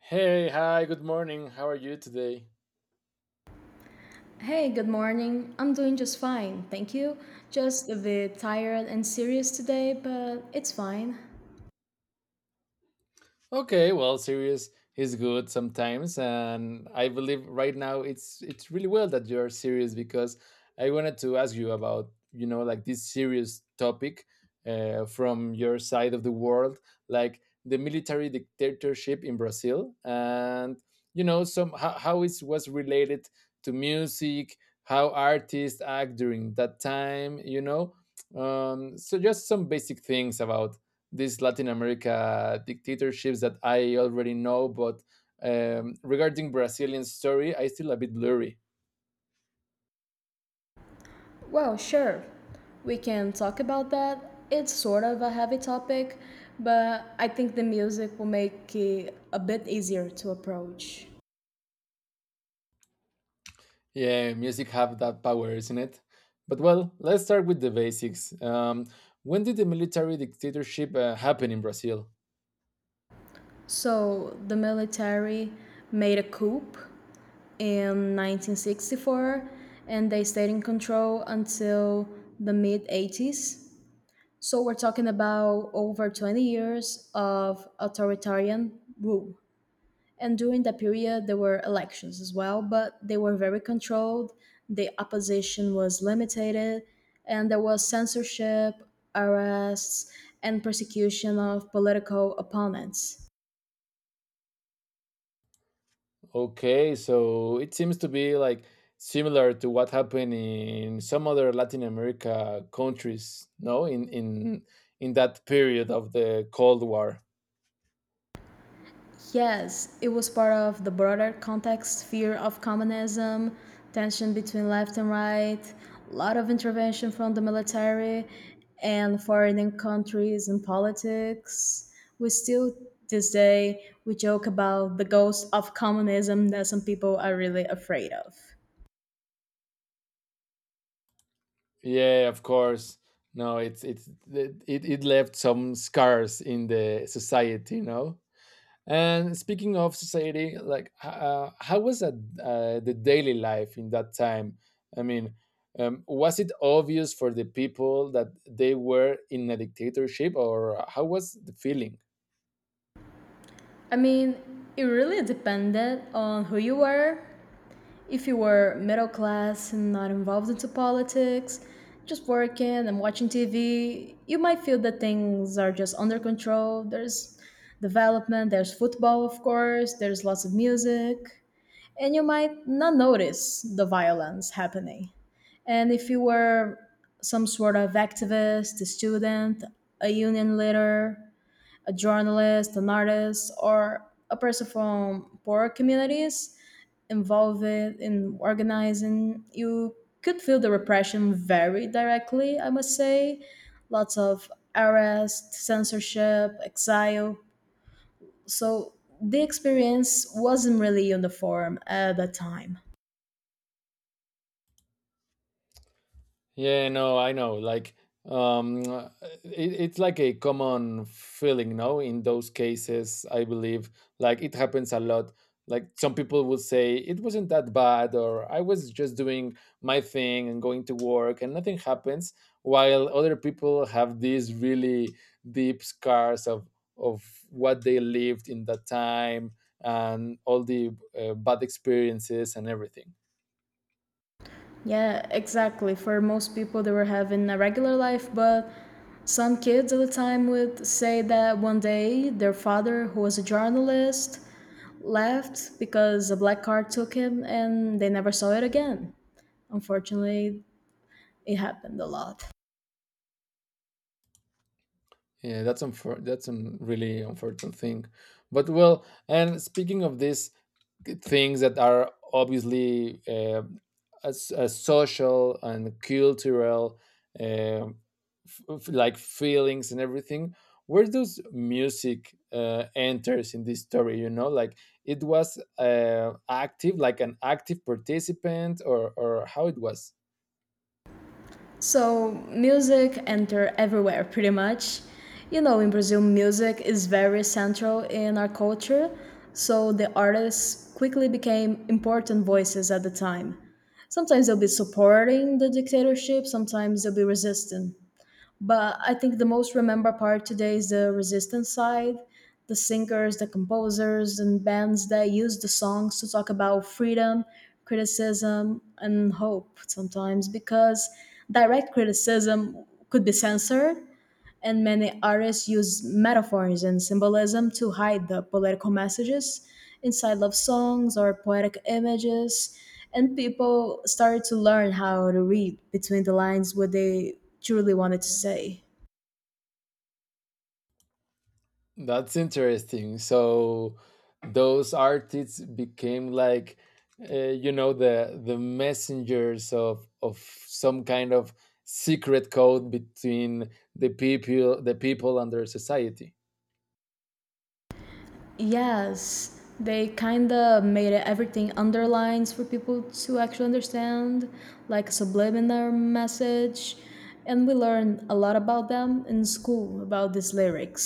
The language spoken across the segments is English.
Hey, hi, good morning. How are you today? Hey, good morning. I'm doing just fine, thank you. Just a bit tired and serious today, but it's fine. Okay, well, serious is good sometimes, and I believe right now it's really well that you are serious because I wanted to ask you about this serious topic from your side of the world, like the military dictatorship in Brazil, and you know some how it was related to music, how artists act during that time, so just some basic things about these Latin America dictatorships that I already know, but regarding Brazilian story, I still a bit blurry. Well, sure, we can talk about that. It's sort of a heavy topic, but I think the music will make it a bit easier to approach. Yeah, music have that power, isn't it? But well, let's start with the basics. When did the military dictatorship happen in Brazil? So, the military made a coup in 1964 and they stayed in control until the mid 80s. So we're talking about over 20 years of authoritarian rule. And during that period, there were elections as well, but they were very controlled. The opposition was limited, and there was censorship, arrests, and persecution of political opponents. Okay, so it seems to be like similar to what happened in some other Latin America countries, no, in in that period of the Cold War. Yes, it was part of the broader context, fear of communism, tension between left and right, a lot of intervention from the military and foreign countries and politics. We still, this day, we joke about the ghost of communism that some people are really afraid of. Yeah, of course. No, it's it, it it left some scars in the society, you know. And speaking of society, like how was that, the daily life in that time? I mean, was it obvious for the people that they were in a dictatorship, or how was the feeling? I mean, it really depended on who you were. If you were middle class and not involved into politics, just working and watching TV, you might feel that things are just under control. There's development, there's football, of course, there's lots of music, and you might not notice the violence happening. And if you were some sort of activist, a student, a union leader, a journalist, an artist, or a person from poorer communities involved in organizing, you could feel the repression very directly, I must say. Lots of arrest, censorship, exile. So the experience wasn't really uniform at that time. Yeah, no, I know. Like, um, uh, it, it's like a common feeling, no? In those cases, I believe, like, it happens a lot. Like, some people would say it wasn't that bad, or I was just doing my thing and going to work, and nothing happens. While other people have these really deep scars of what they lived in that time, and all the bad experiences and everything. Yeah, exactly. For most people, they were having a regular life, but some kids at the time would say that one day their father, who was a journalist, left because a black car took him and they never saw it again. Unfortunately, it happened a lot. Yeah, that's a really unfortunate thing. But well, and speaking of this, things that are obviously as social and cultural um, like feelings and everything, where does music enters in this story, you know, like it was active like an active participant, or how it was. So, music entered everywhere pretty much. You know, in Brazil, music is very central in our culture, so the artists quickly became important voices at the time. Sometimes they'll be supporting the dictatorship, sometimes they'll be resisting. But I think the most remembered part today is the resistance side, the singers, the composers, and bands that use the songs to talk about freedom, criticism, and hope sometimes, because direct criticism could be censored, and many artists use metaphors and symbolism to hide the political messages inside love songs or poetic images, and people started to learn how to read between the lines what they truly wanted to say. That's interesting. So those artists became like the messengers of some kind of secret code between the people and their society. Yes, they kind of made everything underlines for people to actually understand, like a subliminal message. And we learned a lot about them in school about these lyrics.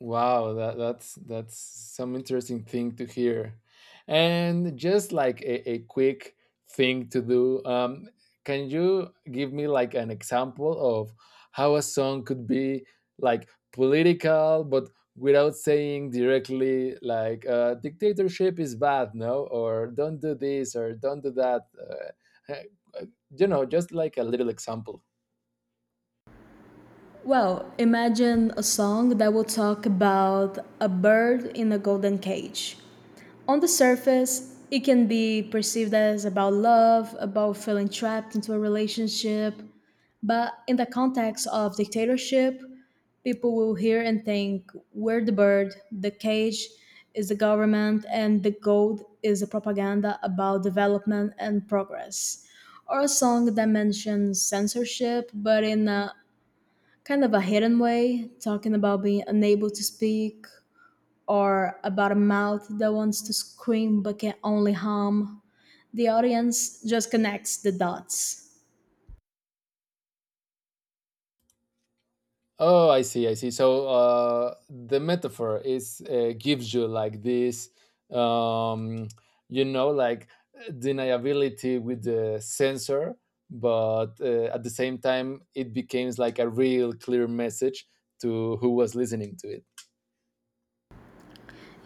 Wow, that's some interesting thing to hear. And just like a quick thing to do, can you give me like an example of how a song could be like political, but without saying directly like dictatorship is bad, no, or don't do this or don't do that. Uh, you know, just like a little example. Well, imagine a song that will talk about a bird in a golden cage. On the surface, it can be perceived as about love, about feeling trapped into a relationship. But in the context of dictatorship, people will hear and think we're the bird, the cage is the government, and the gold is the propaganda about development and progress. Or a song that mentions censorship, but in a kind of a hidden way, talking about being unable to speak or about a mouth that wants to scream but can only hum. The audience just connects the dots. Oh, I see, I see. So the metaphor is gives you like this, um, like deniability with the sensor, but at the same time, it becomes like a real clear message to who was listening to it.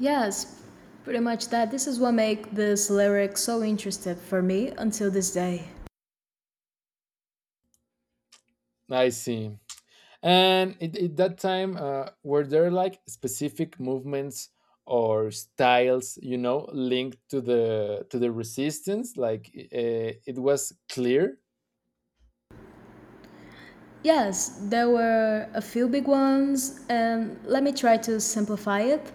Yes, pretty much that. This is what makes this lyric so interesting for me until this day. I see. And at that time, were there like specific movements or styles, you know, linked to the resistance? Like it was clear. Yes, there were a few big ones, and let me try to simplify it.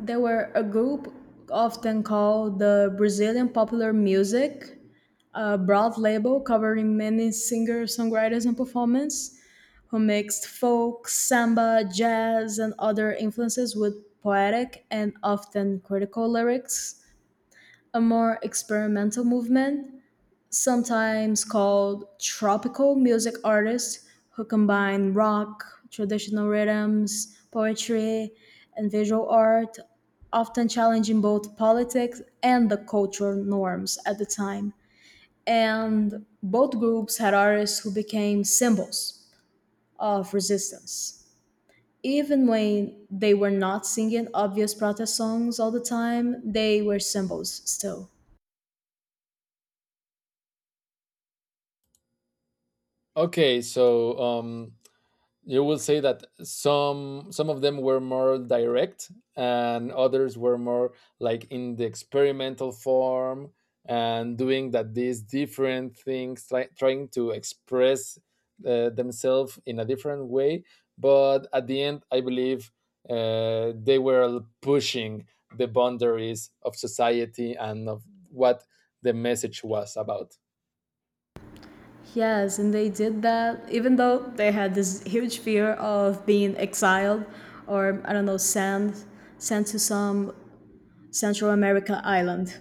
They were a group often called the Brazilian Popular Music, a broad label covering many singers, songwriters, and performers who mixed folk, samba, jazz, and other influences with poetic and often critical lyrics; a more experimental movement sometimes called tropical music, artists who combine rock, traditional rhythms, poetry, and visual art, often challenging both politics and the cultural norms at the time. And both groups had artists who became symbols of resistance. Even when they were not singing obvious protest songs all the time, they were symbols still. Okay, so you will say that some of them were more direct, and others were more like in the experimental form and doing that these different things, trying to express themselves in a different way. But at the end, I believe they were pushing the boundaries of society and of what the message was about. Yes, and they did that even though they had this huge fear of being exiled or, I don't know, sent to some Central America island.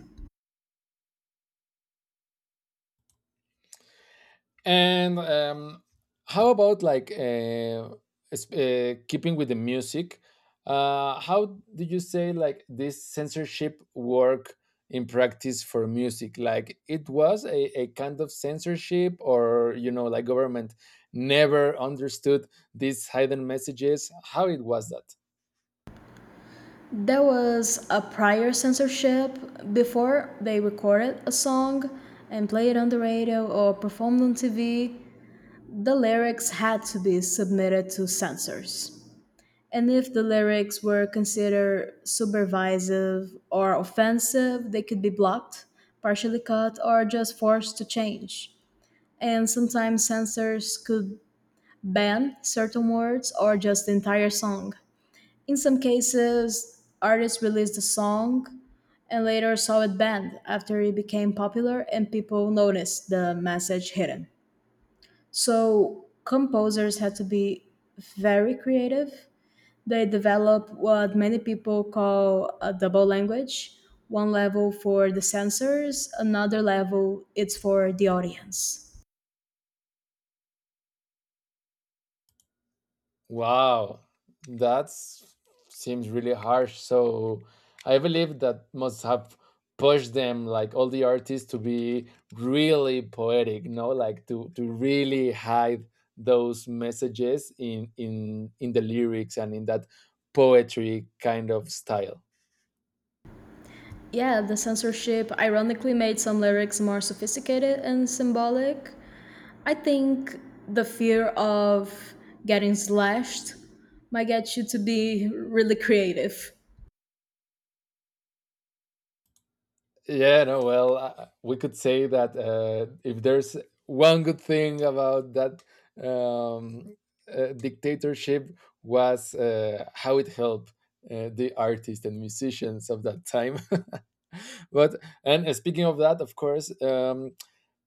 And how about like keeping with the music? How do you say like this censorship work in practice for music? Like it was a kind of censorship, or you know, like government never understood these hidden messages. How it was that? There was a prior censorship before they recorded a song and played it on the radio or performed on TV. The lyrics had to be submitted to censors. And if the lyrics were considered subversive or offensive, they could be blocked, partially cut, or just forced to change. And sometimes censors could ban certain words or just the entire song. In some cases, artists released the song and later saw it banned after it became popular and people noticed the message hidden. So composers had to be very creative. They develop what many people call a double language, one level for the censors, another level it's for the audience. Wow, that seems really harsh. So I believe that must have pushed them, like all the artists, to be really poetic, no? Like to really hide those messages in the lyrics and in that poetry kind of style. Yeah, the censorship ironically made some lyrics more sophisticated and symbolic. I think the fear of getting slashed might get you to be really creative. Yeah, no, well, we could say that if there's one good thing about that um, dictatorship was how it helped the artists and musicians of that time. But and speaking of that, of course,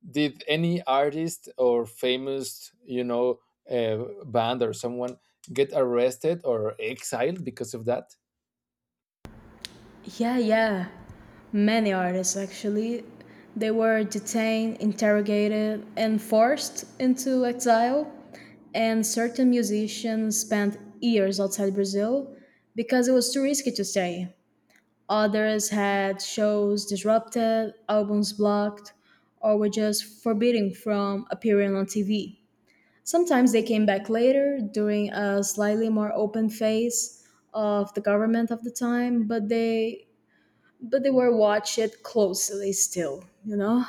did any artist or famous, you know, band or someone get arrested or exiled because of that? Yeah, yeah. Many artists, actually. They were detained, interrogated, and forced into exile. And certain musicians spent years outside Brazil because it was too risky to stay. Others had shows disrupted, albums blocked, or were just forbidden from appearing on TV. Sometimes they came back later during a slightly more open phase of the government of the time, but they were watched closely still, you know?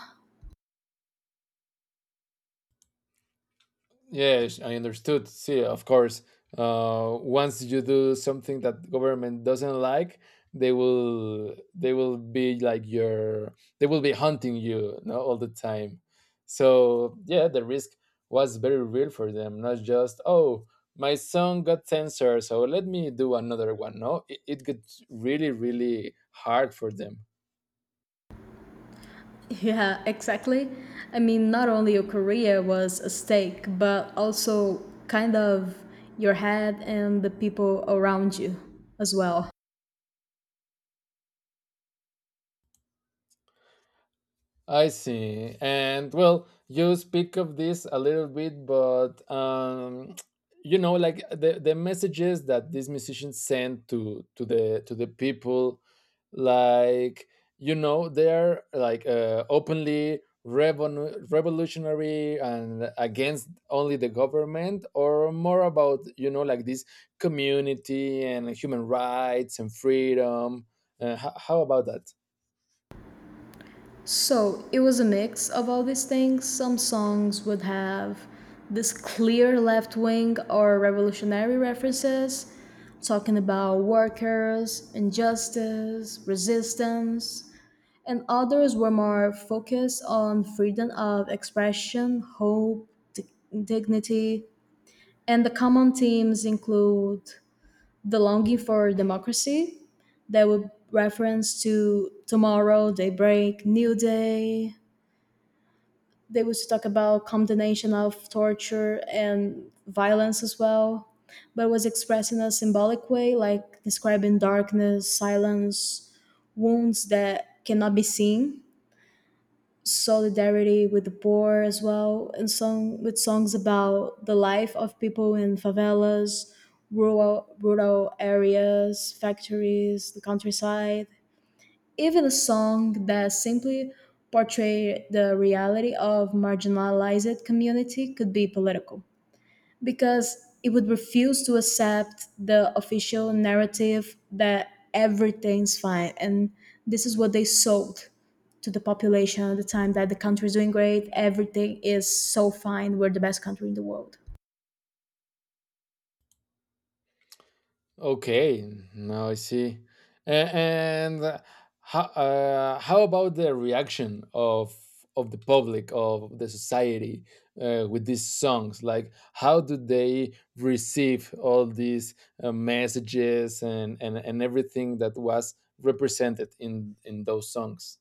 Yes, I understood. See, of course, once you do something that government doesn't like, they will be like your they will be hunting you, no, all the time. So yeah, the risk was very real for them. Not just oh, my song got censored, so let me do another one. No, it got really really hard for them. Yeah, exactly. I mean, not only your career was a stake, but also kind of your head and the people around you as well. I see. And well, you speak of this a little bit, but you know, like the messages that these musicians send to the people, like you know, they're like openly revolutionary and against only the government, or more about you know, like this community and human rights and freedom. How about that? So it was a mix of all these things. Some songs would have this clear left wing or revolutionary references, talking about workers, injustice, resistance, and others were more focused on freedom of expression, hope, dignity, and the common themes include the longing for democracy. They would reference to tomorrow, daybreak, new day. They would talk about condemnation of torture and violence as well, but it was expressed in a symbolic way, like describing darkness, silence, wounds that cannot be seen; solidarity with the poor as well, and song with songs about the life of people in favelas, rural areas, factories, the countryside. Even a song that simply portrayed the reality of marginalized community could be political because it would refuse to accept the official narrative that everything's fine. And this is what they sold to the population at the time, that the country is doing great, everything is so fine, we're the best country in the world. Okay, now I see. And how about the reaction of the public of the society with these songs? Like, how do they receive all these messages and everything that was represented in those songs?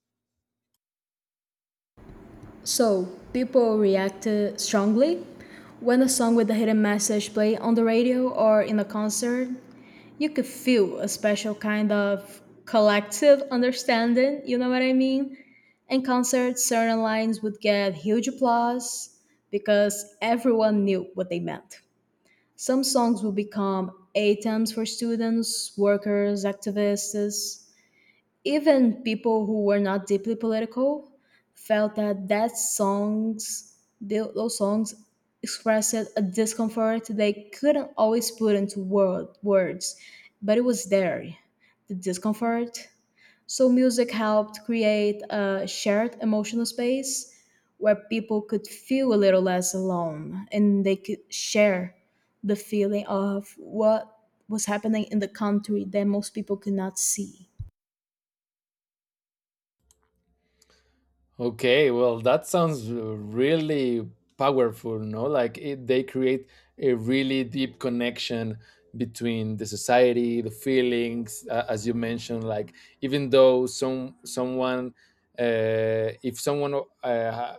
So people reacted strongly. When a song with a hidden message played on the radio or in a concert, you could feel a special kind of collective understanding, you know what I mean? In concerts, certain lines would get huge applause because everyone knew what they meant. Some songs would become anthems for students, workers, activists. Even people who were not deeply political felt that that songs, those songs, expressed a discomfort they couldn't always put into words, but it was there, the discomfort. So music helped create a shared emotional space where people could feel a little less alone and they could share the feeling of what was happening in the country that most people could not see. Okay, well, that sounds really powerful, no? Like it, they create a really deep connection between the society, the feelings, as you mentioned. Like even though someone, if someone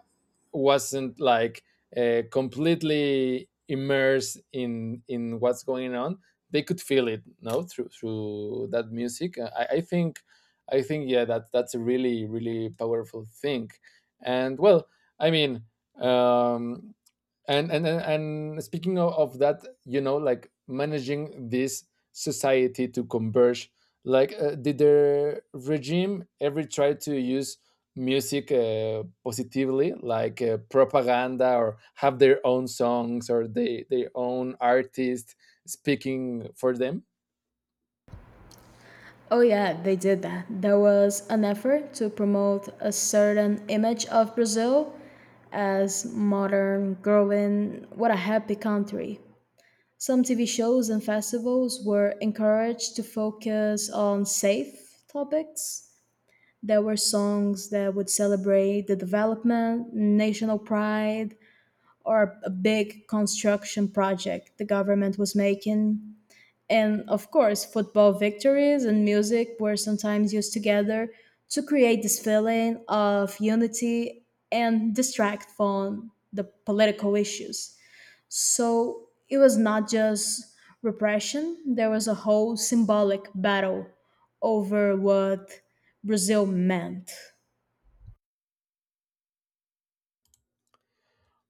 wasn't like completely immersed in what's going on, they could feel it, no, through through that music. I think yeah, that that's a really really powerful thing. And well, I mean, um, and speaking of that, you know, like managing this society to converge, like did the regime ever try to use music positively, like propaganda, or have their own songs or they their own artists speaking for them? Oh, yeah, they did that. There was an effort to promote a certain image of Brazil as modern, growing, what a happy country. Some TV shows and festivals were encouraged to focus on safe topics. There were songs that would celebrate the development, national pride, or a big construction project the government was making. And of course, football victories and music were sometimes used together to create this feeling of unity and distract from the political issues. So it was not just repression, there was a whole symbolic battle over what Brazil meant.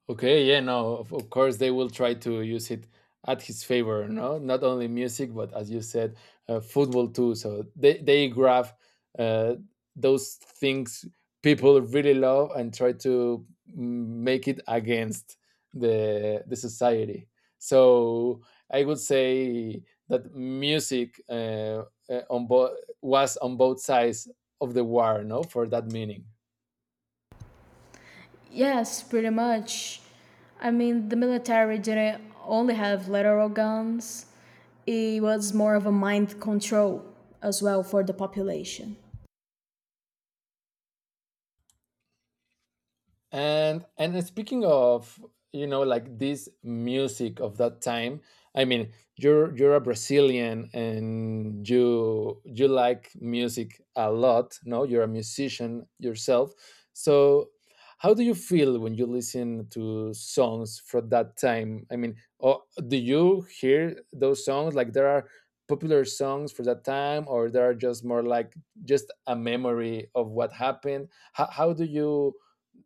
Okay, yeah, no, of course they will try to use it at his favor, no? Not only music, but as you said, football too. So they grab uh, those things people really love and try to make it against the society. So I would say that music uh, on bo- was on both sides of the war, no, for that meaning. Yes, pretty much. I mean, the military didn't only have literal guns, it was more of a mind control as well for the population. And speaking of, you know, like this music of that time, I mean, you're a Brazilian and you like music a lot, no? You're a musician yourself. So how do you feel when you listen to songs from that time? I mean, or do you hear those songs? Like there are popular songs for that time, or there are just more like just a memory of what happened? How do you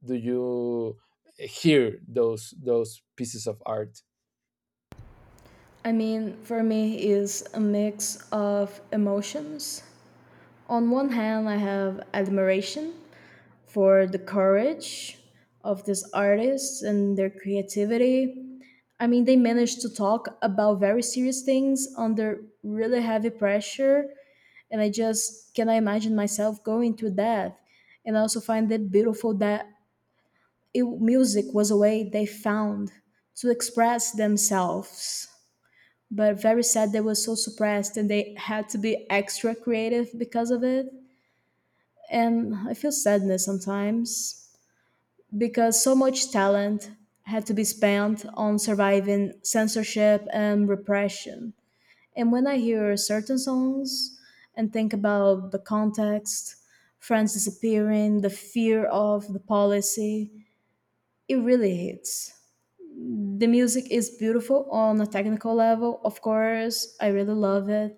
do you hear those pieces of art? I mean, for me, is a mix of emotions. On one hand, I have admiration for the courage of these artists and their creativity. I mean, they managed to talk about very serious things under really heavy pressure, and I just can I imagine myself going to that. And I also find it beautiful that music was a way they found to express themselves. But very sad they were so suppressed and they had to be extra creative because of it. And I feel sadness sometimes because so much talent had to be spent on surviving censorship and repression. And when I hear certain songs and think about the context, friends disappearing, the fear of the policy, it really hits. The music is beautiful on a technical level, of course, I really love it,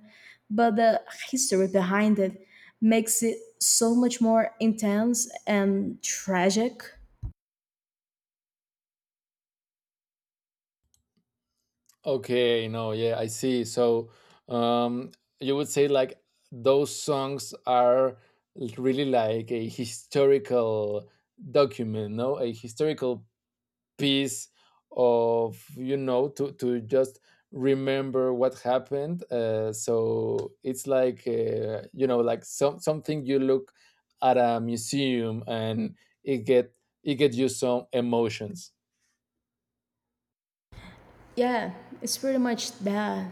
but the history behind it makes it so much more intense and tragic. Okay, no, yeah, I see. So um, you would say like those songs are really like a historical document, no, a historical piece of you know to just remember what happened so it's like you know like something you look at a museum and it get it get you some emotions. Yeah, it's pretty much that.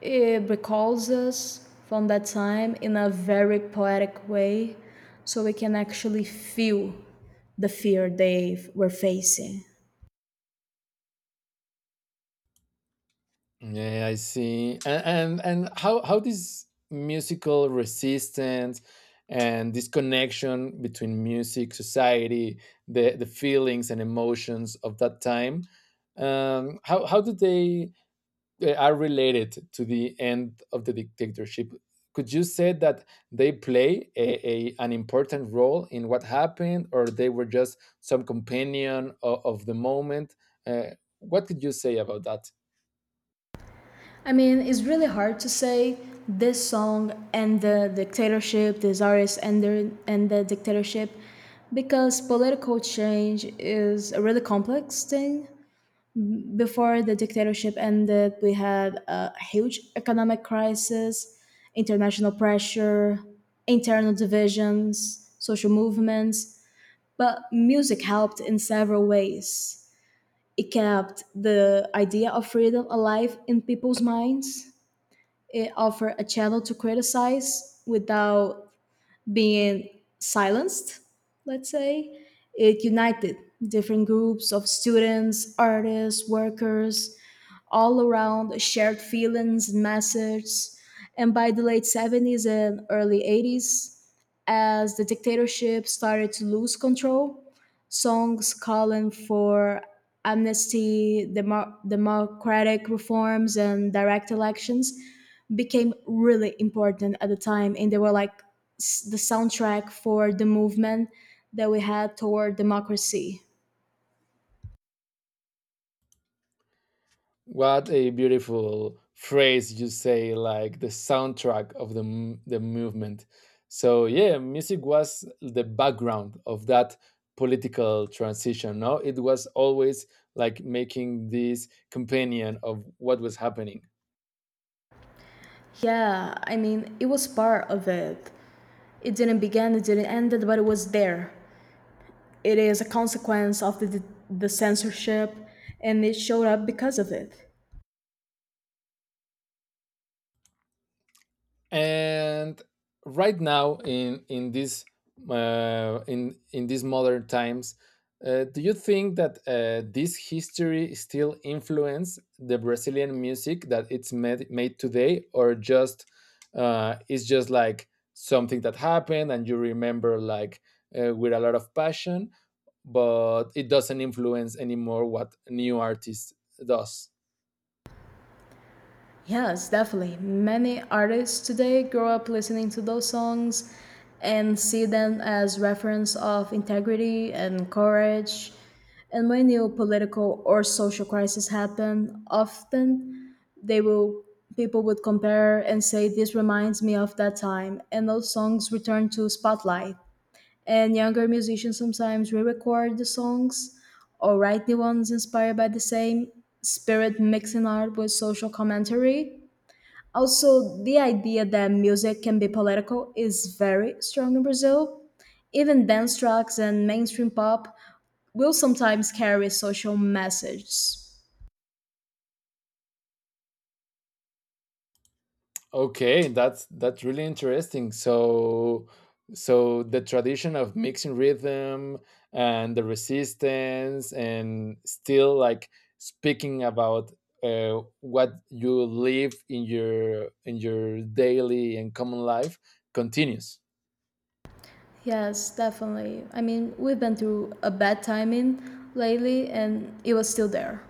It recalls us from that time in a very poetic way, so we can actually feel the fear they were facing. Yeah, I see. And and how this musical resistance and this connection between music society the feelings and emotions of that time how do they are related to the end of the dictatorship. Could you say that they play a an important role in what happened, or they were just some companion of the moment? Uh, what could you say about that? I mean, it's really hard to say this song and the dictatorship, this artist and and the dictatorship, because political change is a really complex thing. Before the dictatorship ended, we had a huge economic crisis, international pressure, internal divisions, social movements. But music helped in several ways. It kept the idea of freedom alive in people's minds. It offered a channel to criticize without being silenced, let's say. It united different groups of students, artists, workers, all around shared feelings and messages. And by the late 70s and early 80s, as the dictatorship started to lose control, songs calling for amnesty, democratic reforms, and direct elections became really important at the time, and they were like the soundtrack for the movement that we had toward democracy. What a beautiful phrase you say, like the soundtrack of the movement. So, yeah, music was the background of that political transition. No, it was always like making this companion of what was happening. Yeah, I mean it was part of it. It didn't begin it, didn't end it, but it was there. It is a consequence of the censorship and it showed up because of it. And right now in this in these modern times do you think that this history still influence the Brazilian music that it's made today, or just it's just like something that happened and you remember like with a lot of passion, but it doesn't influence anymore what new artist does. Yes, definitely. Many artists today grow up listening to those songs and see them as reference of integrity and courage. And when new political or social crisis happen, often they will people would compare and say this reminds me of that time, and those songs return to spotlight, and younger musicians sometimes re-record the songs or write new ones inspired by the same spirit, mixing art with social commentary. Also, the idea that music can be political is very strong in Brazil. Even dance tracks and mainstream pop will sometimes carry social messages. Okay, that's really interesting. So the tradition of mixing rhythm and the resistance and still like speaking about what you live in your daily and common life continues. Yes, definitely. I mean, we've been through a bad timing lately and it was still there.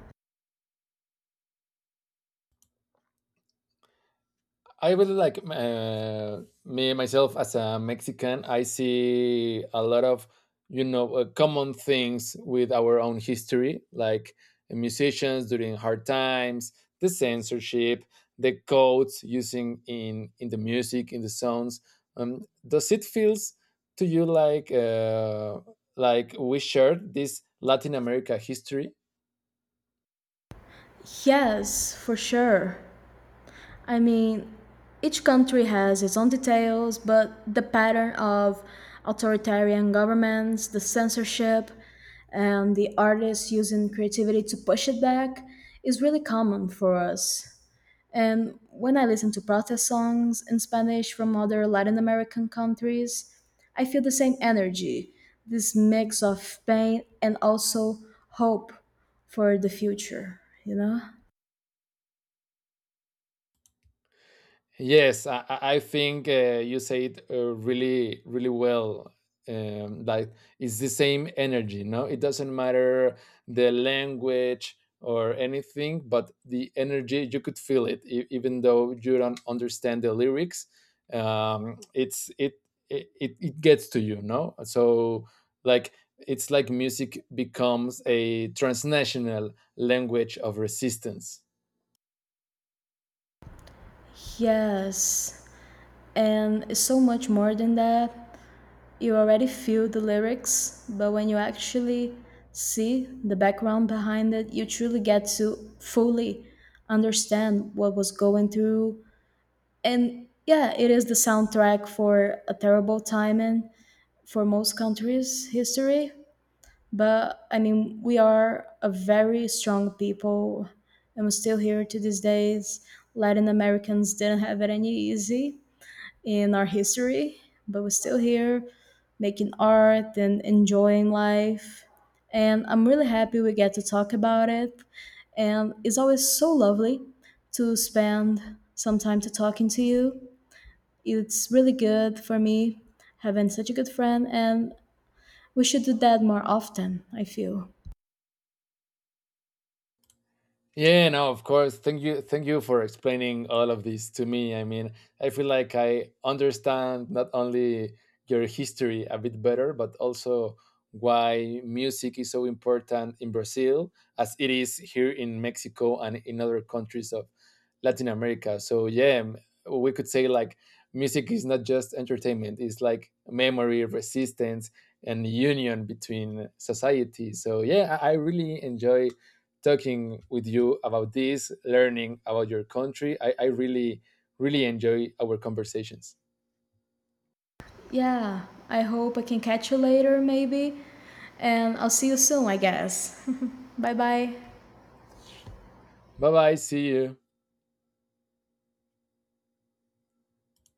I really like me myself as a Mexican. I see a lot of you know common things with our own history, like musicians during hard times, the censorship, the codes using in the music, in the songs. Does it feels to you like we shared this Latin America history? Yes, for sure. I mean, each country has its own details, but the pattern of authoritarian governments, the censorship, and the artists using creativity to push it back is really common for us. And when I listen to protest songs in Spanish from other Latin American countries, I feel the same energy, this mix of pain and also hope for the future, you know? Yes, I think you said really, really well. Like it's the same energy, no? It doesn't matter the language or anything, but the energy you could feel it, even though you don't understand the lyrics. Um, it's it, it gets to you, no? So like it's like music becomes a transnational language of resistance. Yes. And it's so much more than that. You already feel the lyrics, but when you actually see the background behind it, you truly get to fully understand what was going through. And yeah, it is the soundtrack for a terrible time in, for most countries' history. But I mean, we are a very strong people, and we're still here to these days. Latin Americans didn't have it any easy in our history, but we're still here making art and enjoying life. And I'm really happy we get to talk about it. And it's always so lovely to spend some time to talking to you. It's really good for me having such a good friend, and we should do that more often, I feel. Yeah, no, of course. Thank you for explaining all of this to me. I mean, I feel like I understand not only your history a bit better, but also why music is so important in Brazil as it is here in Mexico and in other countries of Latin America. So yeah, we could say like music is not just entertainment; it's like memory, resistance, and union between society. So yeah, I really enjoy talking with you about this, learning about your country. I really, really enjoy our conversations. Yeah, I hope I can catch you later, maybe. And I'll see you soon, I guess. Bye bye. Bye bye. See you.